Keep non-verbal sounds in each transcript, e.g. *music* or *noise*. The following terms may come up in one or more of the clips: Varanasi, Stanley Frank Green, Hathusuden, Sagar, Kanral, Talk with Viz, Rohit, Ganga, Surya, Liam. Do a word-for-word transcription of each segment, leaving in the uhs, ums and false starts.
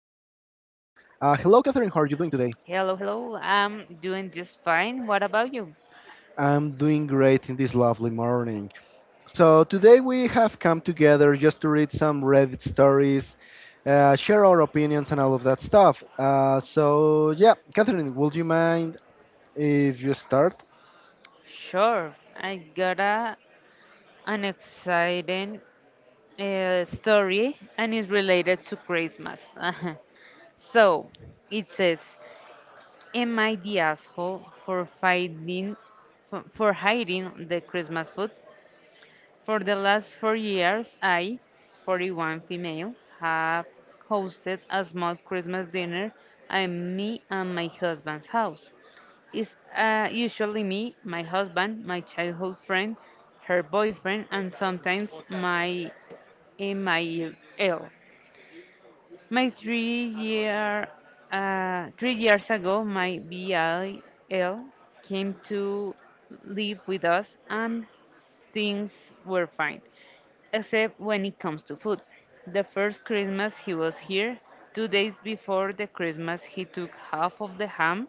Hello, Catherine. How are you doing today? Hello, hello. I'm doing just fine. What about you? I'm doing great in this lovely morning. So, today we have come together just to read some Reddit stories, uh, share our opinions, and all of that stuff. Uh, so, yeah, Catherine, would you mind if you start? Sure. I got a, an exciting uh, story, and it's related to Christmas. *laughs* So it says, am I the asshole for finding for, for hiding the Christmas food? For the last four years, I, forty-one female, have hosted a small Christmas dinner at me and my husband's house. It's uh, usually me, my husband, my childhood friend, her boyfriend, and sometimes my eh, my L. My three year uh, three years ago, my B I L came to live with us, and things were fine except when it comes to food. The first Christmas he was here, two days before the Christmas he took half of the ham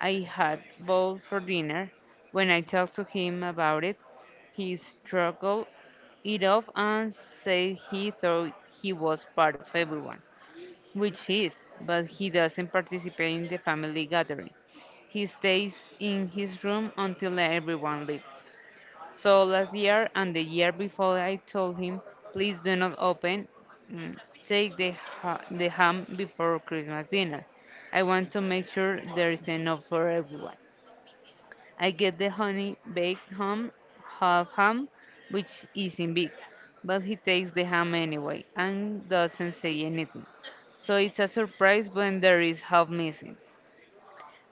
I had bought for dinner. When I talked to him about it, he struggled it off and said he thought he was part of everyone, which he is, but he doesn't participate in the family gathering. He stays in his room until everyone leaves. So last year and the year before, I told him, please do not open, mm, take the, ha- the ham before Christmas dinner. I want to make sure there is enough for everyone. I get the honey baked ham, half ham, which isn't big, but he takes the ham anyway and doesn't say anything. So it's a surprise when there is half missing.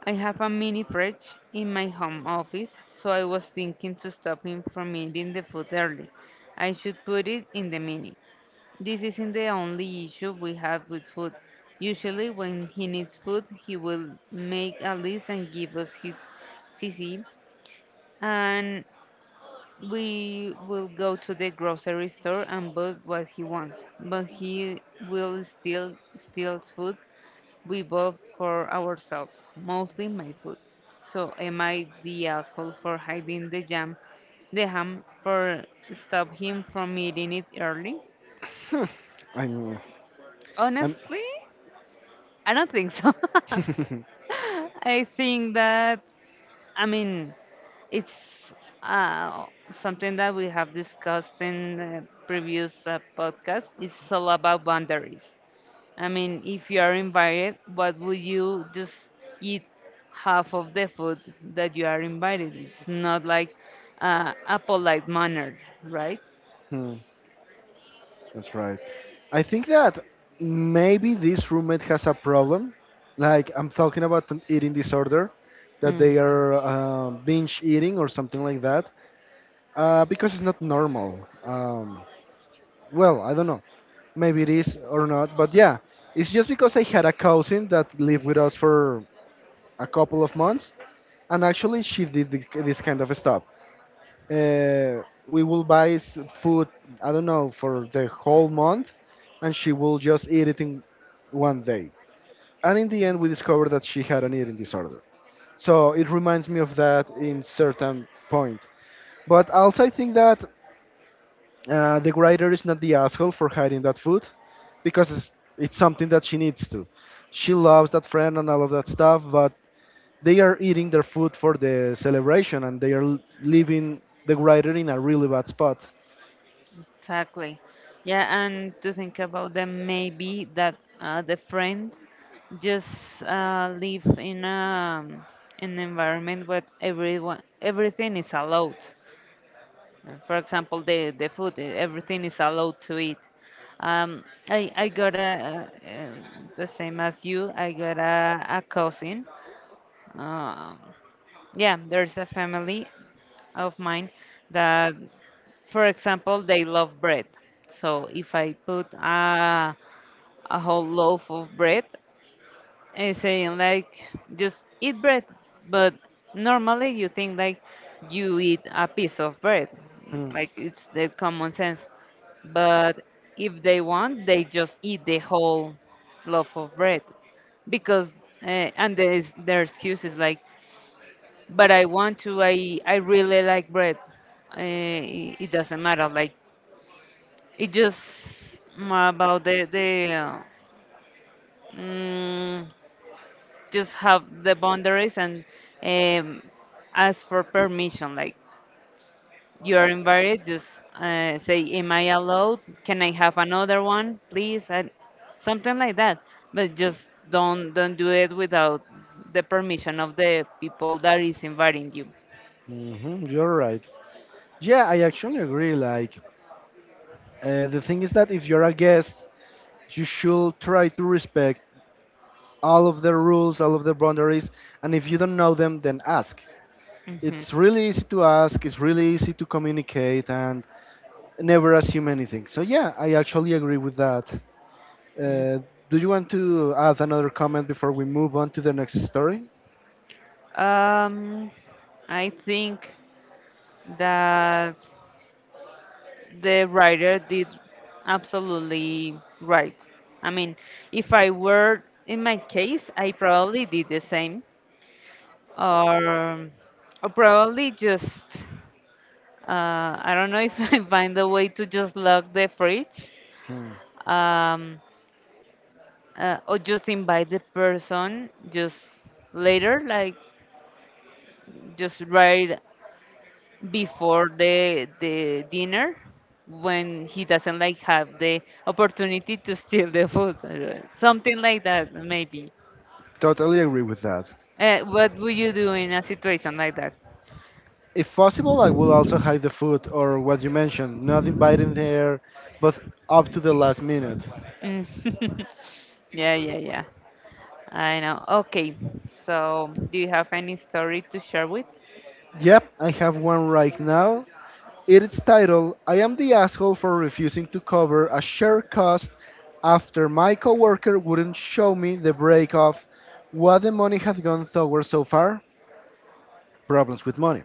I have a mini fridge in my home office, so I was thinking to stop him from eating the food early. I should put it in the mini. This isn't the only issue we have with food. Usually, when he needs food, he will make a list and give us his C C, and we will go to the grocery store and buy what he wants. But he will still steals food we bought for ourselves, mostly my food. So am I the asshole for hiding the jam, the ham for stop him from eating it early? Hmm, I'm. Honestly, I don't think so. *laughs* I'm I think that I mean it's uh, something that we have discussed in uh, previous uh, podcasts. It's all about boundaries. I mean, if you are invited, what would you just eat half of the food that you are invited? It's not like uh, a polite manner, right? *laughs* *laughs* That's right. I think that maybe this roommate has a problem. Like I'm talking about an eating disorder, that they Mm, are um, binge eating or something like that, uh, because it's not normal. Um, well, I don't know. Maybe it is or not, but yeah, it's just because I had a cousin that lived with us for a couple of months, and actually she did thi- this kind of stuff, uh, we will buy s- food, I don't know, for the whole month, and she will just eat it in one day. And in the end, we discovered that she had an eating disorder. So it reminds me of that in certain point. But also, I think that uh, the writer is not the asshole for hiding that food, because it's, it's something that she needs to. She loves that friend and all of that stuff, but they are eating their food for the celebration, and they are l- leaving the writer in a really bad spot. exactly. Yeah, and to think about them, maybe that uh, the friend just uh, live in a, an environment where everyone everything is allowed. Uh, For example, the, the food, uh, everything is allowed to eat. Um, I, I got a, uh, uh, the same as you, I got a, a cousin. Uh, yeah, there's a family of mine that, for example, they love bread. So if I put a, a whole loaf of bread, I saying like just eat bread, but normally you think like you eat a piece of bread, Hmm. like it's the common sense. But if they want, they just eat the whole loaf of bread because uh, and there's their excuse is like, but I want to, I I really like bread. Uh, it, it doesn't matter, like it just more about the the uh, mm, just have the boundaries and um, ask for permission. Like you are invited, just uh, say, "Am I allowed? Can I have another one, please?" And something like that. But just don't don't do it without the permission of the people that is inviting you. Hmm you're right. Yeah, I actually agree. Like, uh, the thing is that if you're a guest, you should try to respect all of the rules, all of the boundaries, and if you don't know them, then ask. Hmm. It's really easy to ask, it's really easy to communicate, and never assume anything. So, yeah, I actually agree with that. Uh, do you want to add another comment before we move on to the next story? Um, I think that the writer did absolutely right. I mean, if I were in my case, I probably did the same, or, or probably just uh, I don't know if *laughs* I find a way to just lock the fridge, Hmm. um, uh, or just invite the person just later, like just write before the the dinner when he doesn't like have the opportunity to steal the food, uh, something like that maybe. Totally agree with that. Uh, what would you do in a situation like that? If possible, I will also hide the food or what you mentioned, not inviting there, but up to the last minute. Mm. *laughs* yeah yeah yeah I know. Okay, so do you have any story to share with? Yep, I have one right now. It's titled "I Am the Asshole for Refusing to Cover a Shared Cost After My Coworker Wouldn't Show Me the Break of What the Money Has Gone Toward So Far. Problems with Money."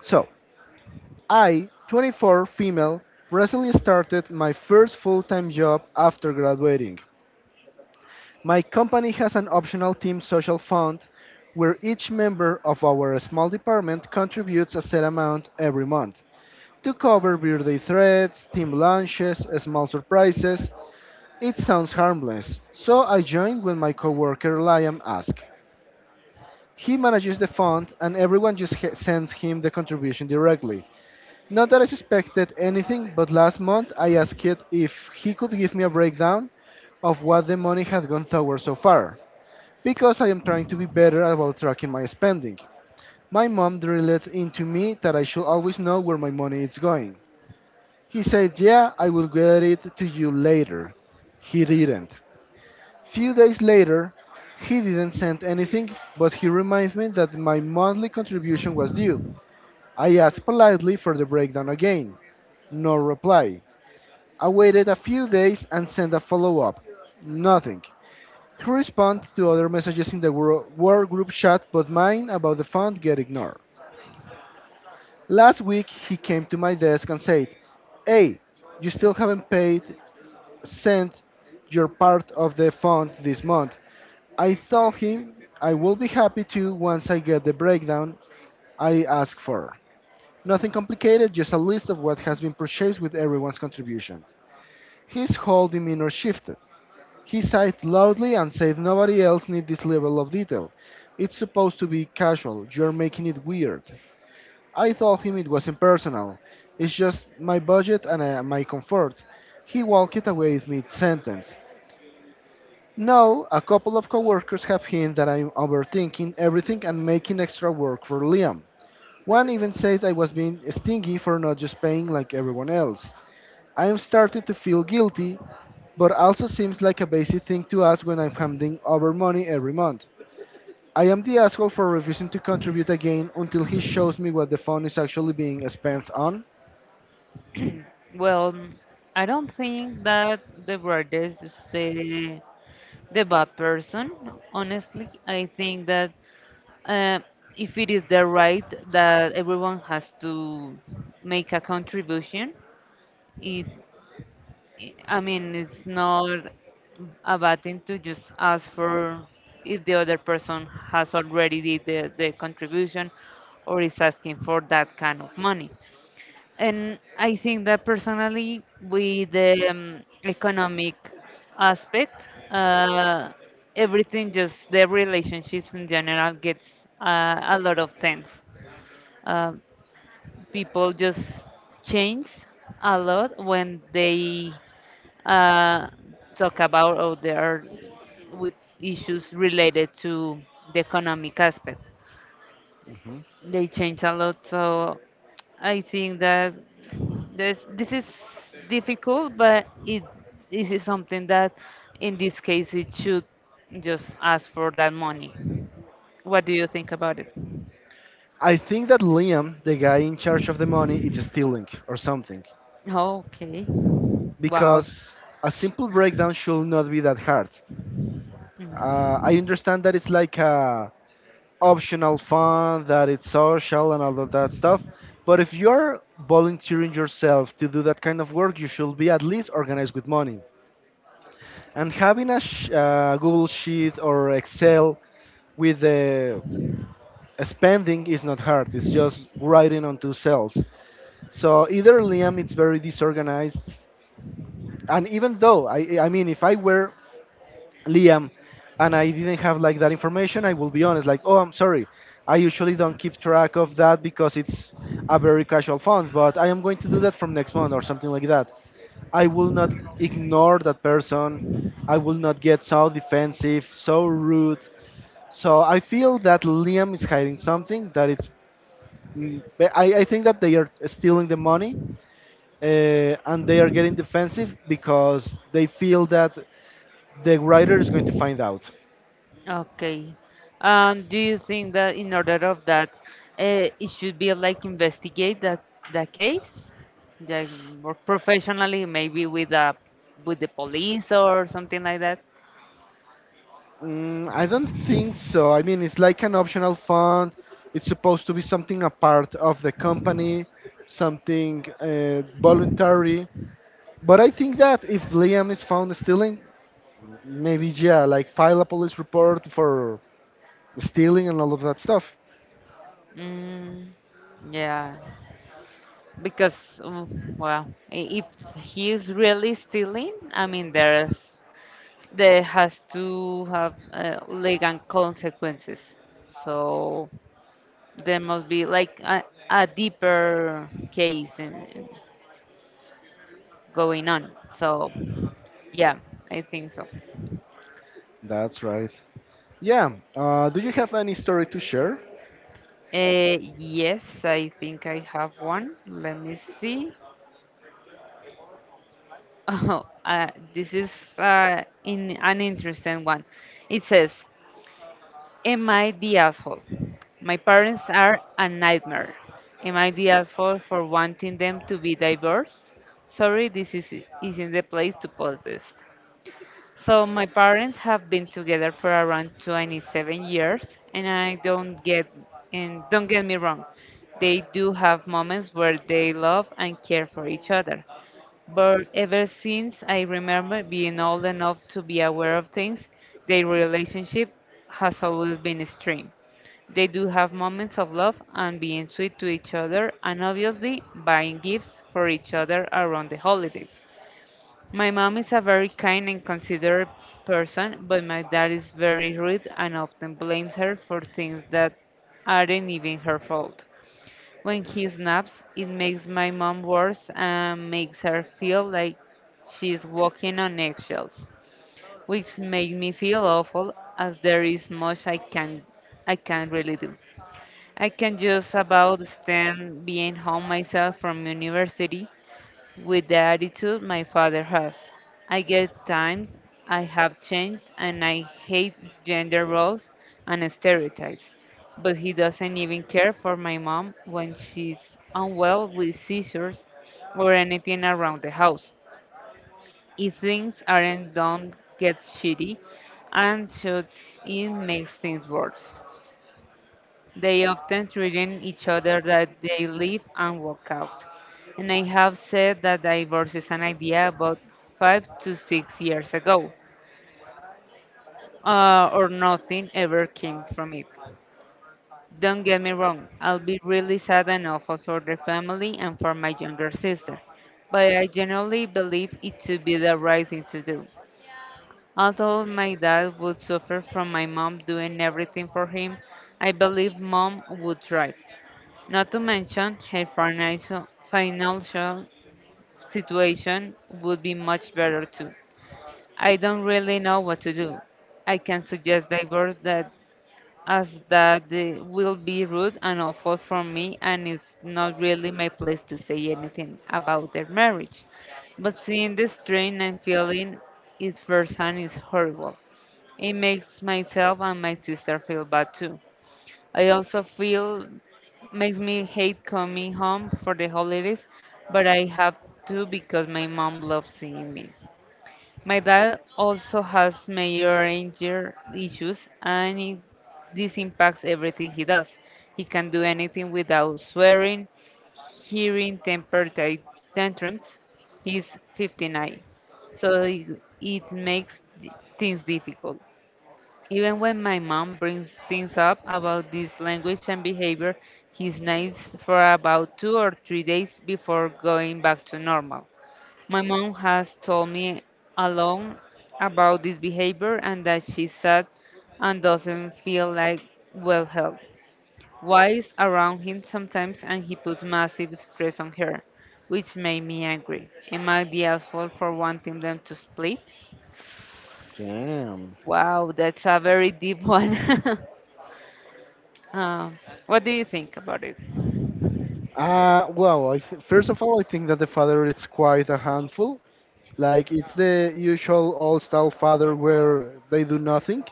So, I, twenty-four, female, recently started my first full time job after graduating. My company has an optional team social fund where each member of our small department contributes a set amount every month to cover birthday threats, team lunches, small surprises. It sounds harmless, so I joined when my coworker Liam asked. He manages the fund and everyone just he- sends him the contribution directly. Not that I suspected anything, but last month I asked if he could give me a breakdown of what the money had gone toward so far because I am trying to be better about tracking my spending. My mom drilled into me that I should always know where my money is going. He said, "Yeah, I will get it to you later." He didn't. Few days later, he didn't send anything, but he reminded me that my monthly contribution was due. I asked politely for the breakdown again. No reply. I waited a few days and sent a follow up. Nothing. He responds to other messages in the wor- work group chat, but mine about the fund get ignored. Last week he came to my desk and said, "Hey, you still haven't paid sent your part of the fund this month." I told him I will be happy to once I get the breakdown I asked for. Nothing complicated, just a list of what has been purchased with everyone's contribution. His whole demeanor shifted. He sighed loudly and said nobody else needs this level of detail. It's supposed to be casual. You're making it weird. I told him it wasn't personal. It's just my budget and uh, my comfort. He walked away mid sentence. Now, a couple of coworkers have hinted that I'm overthinking everything and making extra work for Liam. One even said I was being stingy for not just paying like everyone else. I am starting to feel guilty, but also seems like a basic thing to ask when I'm handing over money every month. I am the asshole for refusing to contribute again until he shows me what the fund is actually being spent on. Well, I don't think that the brightest is the the bad person. Honestly, I think that uh, if it is the right that everyone has to make a contribution, it, I I mean, it's not a bad thing to just ask for if the other person has already did the, the contribution or is asking for that kind of money. And I think that personally, with the um, economic aspect, uh, everything just the relationships in general gets uh, a lot of tense. Uh, people just change a lot when they uh, talk about or they are with issues related to the economic aspect. hmm They change a lot, so I think that This this is difficult, but it this is something that, in this case, it should just ask for that money. What do you think about it? I think that Liam, the guy in charge of the money, is stealing or something. Okay. Wow. Because a simple breakdown should not be that hard. Uh, I understand that it's like a optional fun, that it's social and all of that stuff. But if you're volunteering yourself to do that kind of work, you should be at least organized with money. And having a sh- uh, Google Sheet or Excel with the spending is not hard. It's just writing onto cells. So either Liam, it's very disorganized, and even though I, I mean, if I were Liam, and I didn't have like that information, I will be honest, like, oh, I'm sorry, I usually don't keep track of that because it's a very casual fund, but I am going to do that from next month or something like that. I will not ignore that person. I will not get so defensive, so rude. So I feel that Liam is hiding something that it's. mm, but I, I think that they are stealing the money, uh, and they are getting defensive because they feel that the writer is going to find out. Okay. Um, do you think that in order of that, uh, it should be like investigate that the case, like more professionally, maybe with a with the police or something like that? Mm, I don't think so. I mean, it's like an optional fund. It's supposed to be something a part of the company, something uh, voluntary. But I think that if Liam is found stealing, maybe yeah, like file a police report for stealing and all of that stuff. Mm, yeah. Because um, well i- if he is really stealing, I mean there's there has to have uh, legal consequences, so there must be like a, a deeper case in, in going on. So yeah, I think so. That's right. Yeah. Uh, do you have any story to share? Uh, yes, I think I have one, let me see. *laughs* oh uh, this is uh, in an interesting one. It says, am I the asshole? My parents are a nightmare. Am I the asshole for wanting them to be divorced? Sorry, this is, isn't the place to post this. So my parents have been together for around twenty-seven years, and I don't get and don't get me wrong, they do have moments where they love and care for each other. But ever since I remember being old enough to be aware of things, their relationship has always been extreme. They do have moments of love and being sweet to each other, and obviously buying gifts for each other around the holidays. My mom is a very kind and considerate person, but my dad is very rude and often blames her for things that aren't even her fault. When he snaps, it makes my mom worse and makes her feel like she's walking on eggshells, which makes me feel awful as there is much I can I can't really do. I can just about stand being home myself from university with the attitude my father has. I get times I have changed and I hate gender roles and stereotypes. But he doesn't even care for my mom when she's unwell with seizures or anything around the house. If things aren't done, gets shitty and shuts in makes things worse. They often threaten each other that they leave and walk out. And I have said that divorce is an idea about five to six years ago, uh, or nothing ever came from it. Don't get me wrong, I'll be really sad and awful for the family and for my younger sister, but I generally believe it to be the right thing to do. Although my dad would suffer from my mom doing everything for him, I believe mom would thrive. Not to mention, her financial financial situation would be much better too. I don't really know what to do. I can suggest divorce that as that the- will be rude and awful for me and it's not really my place to say anything about their marriage. But seeing the strain and feeling it firsthand is horrible. It makes myself and my sister feel bad too. I also feel makes me hate coming home for the holidays, but I have to because my mom loves seeing me. My dad also has major anger issues, and it, this impacts everything he does. He can do anything without swearing, hearing temper ta- tantrums. He's fifty-nine, so it, it makes th- things difficult. Even when my mom brings things up about this language and behavior, he's nice for about two or three days before going back to normal. My mom has told me alone about this behavior and that she's sad and doesn't feel like well help. Wise around him sometimes and he puts massive stress on her, which made me angry. Am I the asshole for wanting them to split? Damn. Wow, that's a very deep one. *laughs* Uh, what do you think about it? Uh, well, I th- first of all, I think that the father is quite a handful. Like it's the usual old style father where they do nothing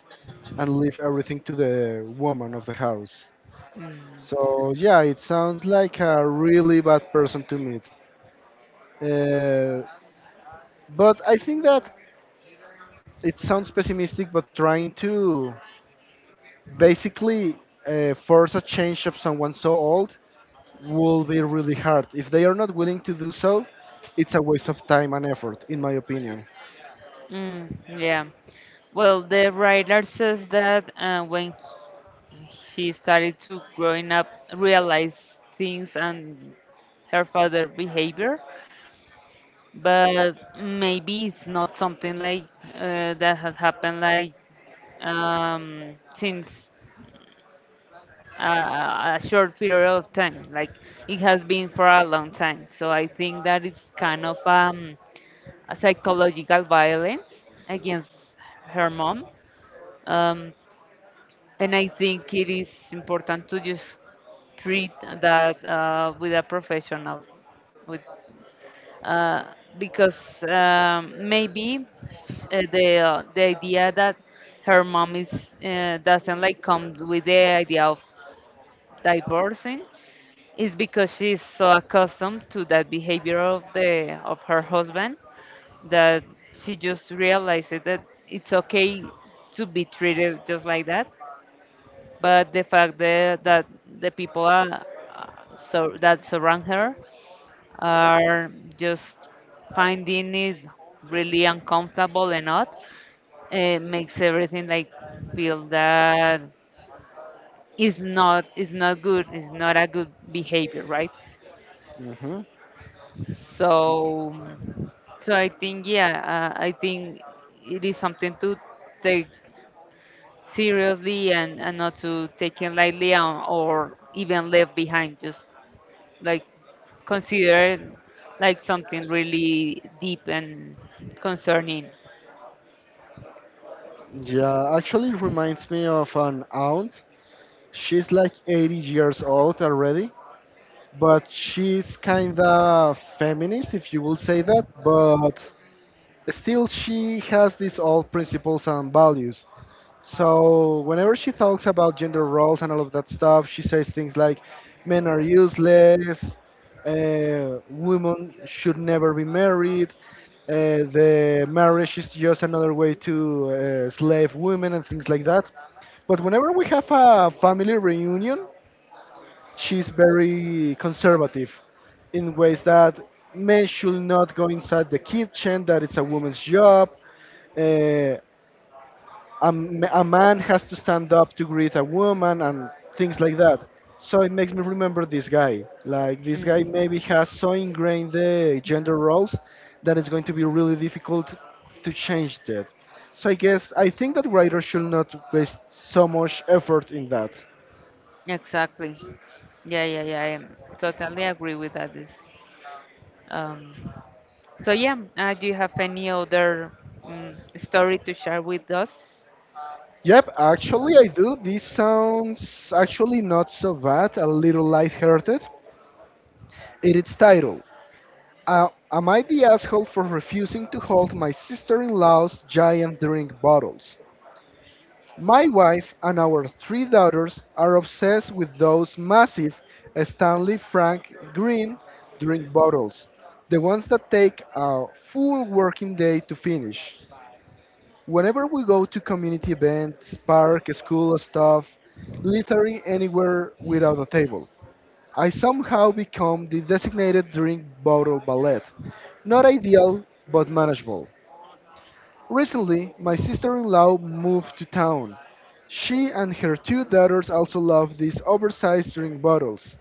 and leave everything to the woman of the house. So yeah, it sounds like a really bad person to meet. Uh, but I think that it sounds pessimistic, but trying to basically uh, force a change of someone so old will be really hard. If they are not willing to do so, it's a waste of time and effort, in my opinion. Mm, yeah. Well, the writer says that uh, when she started to growing up, realize things and her father behavior, but maybe it's not something like uh, that has happened like um, since uh, a short period of time. Like it has been for a long time. So I think that it's kind of um a psychological violence against her mom. Um, and I think it is important to just treat that uh, with a professional, with uh, because um, maybe sh- uh, the uh, the idea that her mom is, uh, doesn't like come with the idea of divorcing is because she's so accustomed to that behavior of the of her husband, that she just realized it, that it's okay to be treated just like that. But the fact that, that the people are, uh, so, that surround her are just finding it really uncomfortable and odd, uh, makes everything like feel that is not is not good is not a good behavior, right? hmm So, so i think yeah uh, i think it is something to take seriously, and, and not to take it lightly, um, or even left behind. Just like consider it like something really deep and concerning. yeah, actually it reminds me of an aunt. She's like eighty years old already, but she's kind of feminist, if you will say that, but still she has these old principles and values. So whenever she talks about gender roles and all of that stuff, she says things like men are useless, uh, women should never be married, uh, the marriage is just another way to uh, slave women and things like that. But whenever we have a family reunion, she's very conservative in ways that men should not go inside the kitchen, that it's a woman's job. Uh, a, m- a man has to stand up to greet a woman and things like that. So it makes me remember this guy. Like, this guy Mm, maybe has so ingrained the gender roles that it's going to be really difficult to change that. So I guess I think that writers should not waste so much effort in that. exactly. Yeah, yeah, yeah. I am totally agree with that. Is, um, so yeah. Uh, do you have any other mm story to share with us? Yep, actually I do. This sounds actually not so bad, a little lighthearted. In its title, uh, "Am I the asshole for refusing to hold my sister-in-law's giant drink bottles?" My wife and our three daughters are obsessed with those massive Stanley Frank Green drink bottles, the ones that take a full working day to finish. Whenever we go to community events, park, school stuff, literally anywhere without a table, I somehow become the designated drink bottle ballet. Not ideal, but manageable. Recently, my sister-in-law moved to town. She and her two daughters also love these oversized drink bottles.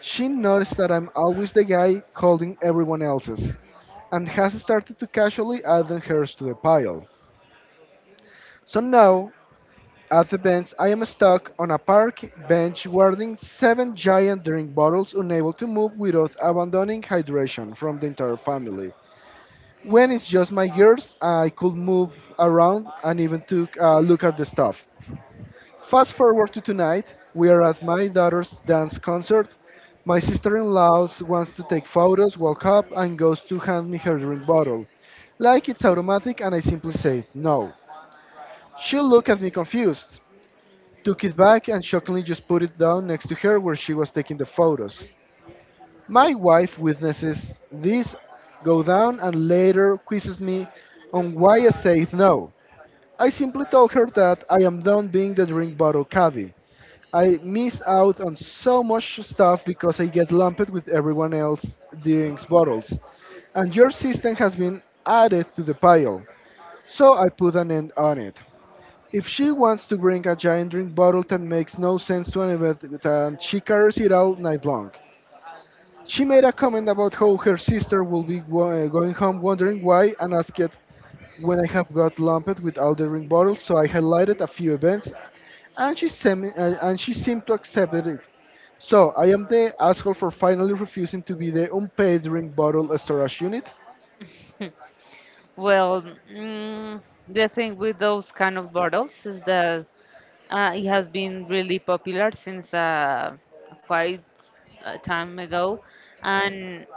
She noticed that I'm always the guy holding everyone else's, and has started to casually add hers to the pile. So now at the bench, I am stuck on a park bench guarding seven giant drink bottles, unable to move without abandoning hydration from the entire family. When it's just my girls, I could move around and even took a look at the stuff. Fast forward to tonight, we are at my daughter's dance concert. My sister-in-law wants to take photos, walk up, and goes to hand me her drink bottle. Like it's automatic, and I simply say no. She looked at me confused, took it back and shockingly just put it down next to her where she was taking the photos. My wife witnesses this go down and later quizzes me on why I said no. I simply told her that I am done being the drink bottle cabbie. I miss out on so much stuff because I get lumped with everyone else drinks bottles. And your system has been added to the pile. So I put an end on it. If she wants to bring a giant drink bottle that makes no sense to anybody, then she carries it all night long. She made a comment about how her sister will be go- uh, going home wondering why and asked when I have got lumped with all the drink bottles, so I highlighted a few events and she, sem- uh, and she seemed to accept it. So I am the asshole for finally refusing to be the unpaid drink bottle storage unit. Well, mm, the thing with those kind of bottles is that, Uh, it has been really popular since, uh, quite a time ago, and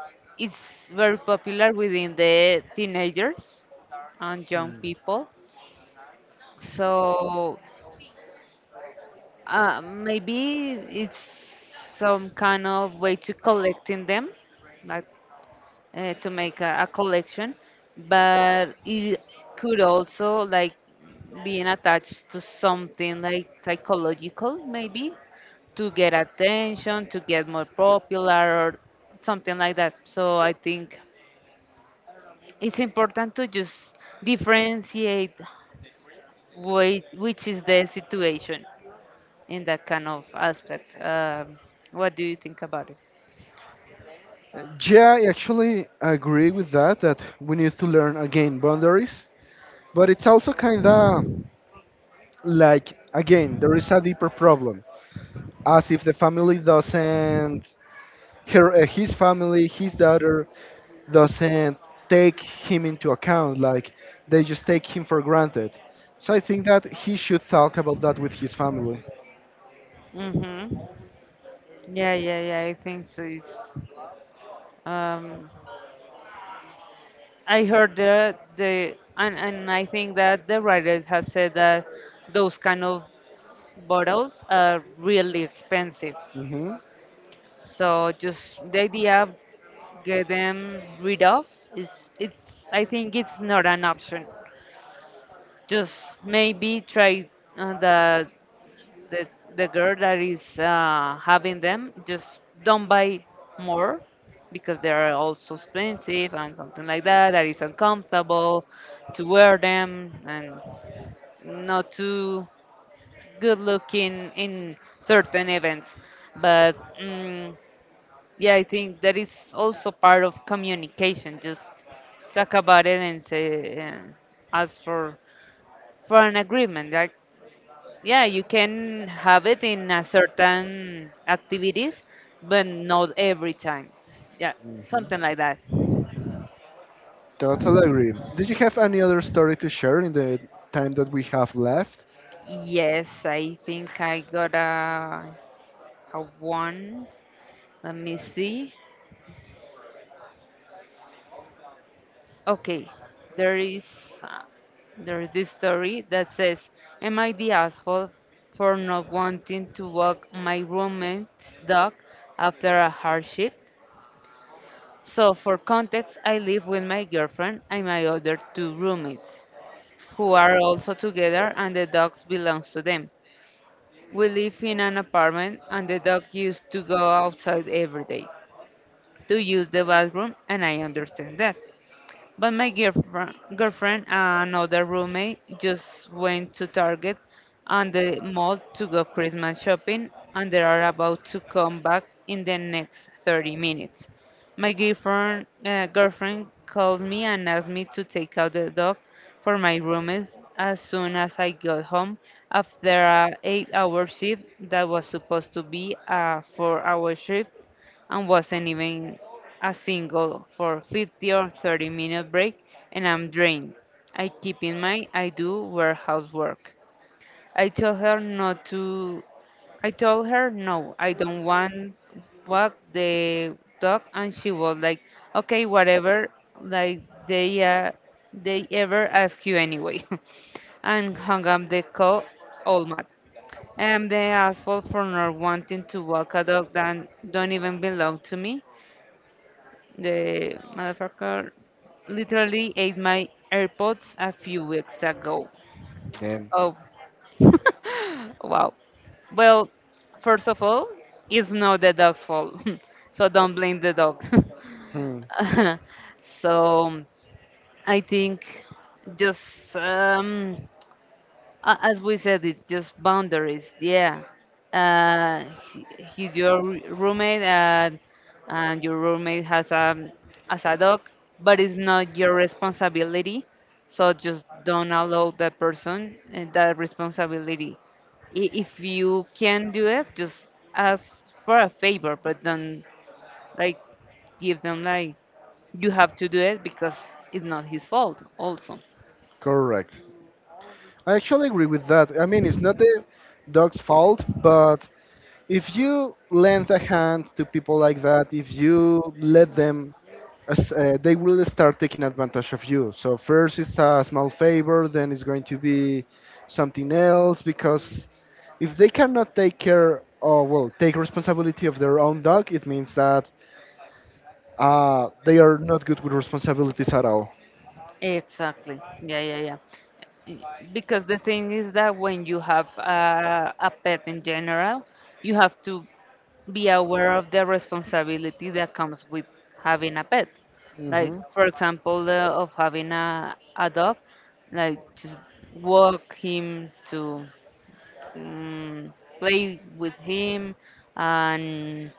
it's very popular within the teenagers and young Mm. people. So uh, maybe it's some kind of way to collecting them, like uh, to make a, a collection, but it could also like being attached to something like psychological, maybe to get attention, to get more popular, or something like that. So I think it's important to just differentiate whi- which is the situation in that kind of aspect. Um, what do you think about it? Uh, Yeah, I actually agree with that, that we need to learn again boundaries. But it's also kind of like, again, there is a deeper problem. As if the family doesn't, her, uh, his family, his daughter, doesn't take him into account. Like, they just take him for granted. So I think that he should talk about that with his family. Mm-hmm. Yeah, yeah, yeah. I think so. It's, um, I heard the the and, and I think that the writers have said that those kind of bottles are really expensive. Hmm. So just the idea of get them rid of is it's I think it's not an option. Just maybe try uh, the the the girl that is uh, having them just don't buy more, because they are also expensive, and something like that, that is uncomfortable to wear them and not too good looking in certain events, but mm, yeah, I think that is also part of communication. Just talk about it, and say, and ask for for an agreement, like, yeah, you can have it in a certain activities, but not every time. Yeah, hmm something like that. Totally agree. Did you have any other story to share in the time that we have left? Yes, I think I got a a one. Let me see. Okay, there is, uh, there is this story that says, "Am I the asshole for not wanting to walk my roommate's dog after a hard shift?" So, for context, I live with my girlfriend and my other two roommates, who are also together, and the dogs belongs to them. We live in an apartment, and the dog used to go outside every day to use the bathroom, and I understand that. But my girlfriend, girlfriend and another roommate just went to Target and the mall to go Christmas shopping, and they are about to come back in the next thirty minutes. My girlfriend, uh, girlfriend called me and asked me to take out the dog for my roommates as soon as I got home, after a eight-hour shift that was supposed to be a four-hour shift, and wasn't even a single for fifty or thirty minute break, and I'm drained. I keep in mind I do warehouse work. I told her not to I told her no, I don't want walk the dog, and she was like, okay, whatever, like, they uh, they ever ask you anyway, *laughs* and hung up the call all mad. I am the asshole for not wanting to walk a dog that don't even belong to me. The motherfucker literally ate my AirPods a few weeks ago. Then. Oh, wow. Well, first of all, it's not the dog's fault, *laughs* so don't blame the dog. Hmm, *laughs* So I think just um, A- as we said, it's just boundaries. Yeah, uh, he, he's your r- roommate, and, and your roommate has a as a dog, but it's not your responsibility. So just don't allow that person uh, that responsibility. I- If you can do it, just ask for a favor, but don't like give them like you have to do it, because it's not his fault. Also, correct. I actually agree with that. I mean, it's not the dog's fault, but if you lend a hand to people like that, if you let them, as- uh, they will start taking advantage of you. So first it's a small favor, then it's going to be something else because if they cannot take care or well take responsibility of their own dog, it means that uh, they are not good with responsibilities at all. exactly. Yeah, yeah, yeah. Y- Because the thing is that when you have a, a pet in general, you have to be aware of the responsibility that comes with having a pet. Like, Hmm. for example, uh, of having a, a dog, like to walk him, to um, play with him, and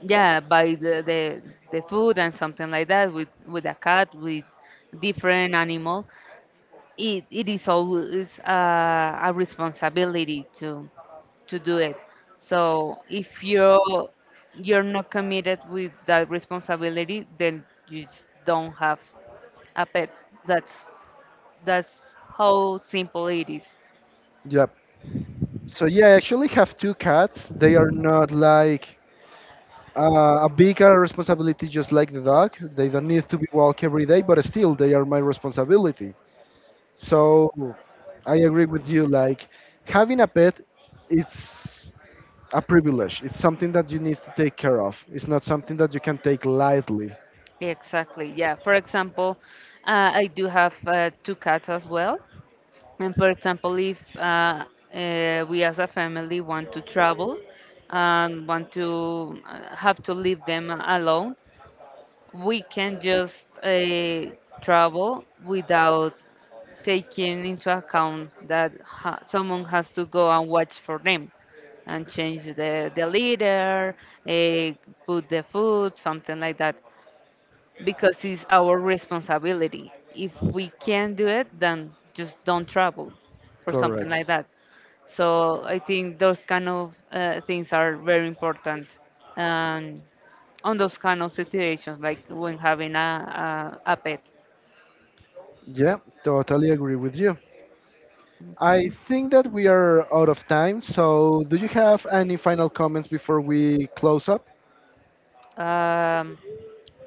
yeah, buy the, the, the food and something like that, with, with a cat, with different animals. It, it is always a, a responsibility to to do it. So if you're you're not committed with that responsibility, then you just don't have a pet. That's that's how simple it is. Yep. So yeah, I actually have two cats. They are not like Uh, a bigger responsibility just like the dog. They don't need to be walked every day, but still, they are my responsibility. So I agree with you. Like having a pet, it's a privilege. It's something that you need to take care of. It's not something that you can take lightly. Exactly, yeah. For example, uh, I do have uh, two cats as well, and for example, if uh, uh, we as a family want to travel and want to uh, have to leave them alone, we can just uh, travel without taking into account that ha- someone has to go and watch for them and change the, the leader, uh, put the food, something like that, because it's our responsibility. If we can't do it, then just don't travel, or something Correct. like that. So I think those kind of uh, things are very important. And on those kind of situations, like when having a, a, a pet. Yeah, totally agree with you. I Mhm. think that we are out of time. So do you have any final comments before we close up? Um,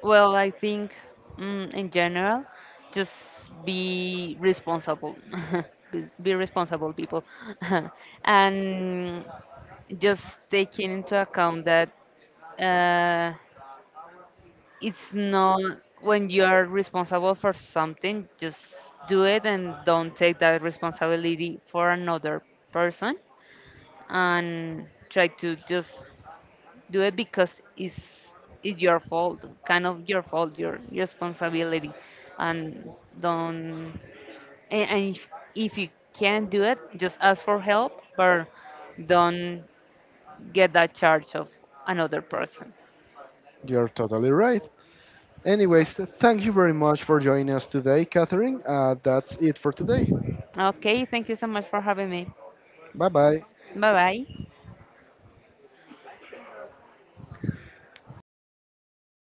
well, I think mm, in general, just be responsible. *laughs* Be be responsible, people. *laughs* And just taking into account that, uh, it's not, when you are responsible for something, just do it, and don't take that responsibility for another person, and try to just do it, because it's it's your fault, kind of your fault, your responsibility, and don't and, and if, if you can't do it, just ask for help, but don't get that charge of another person. You're totally right. Anyways, thank you very much for joining us today, Catherine. Uh, that's it for today. Okay, thank you so much for having me. Bye bye. Bye bye.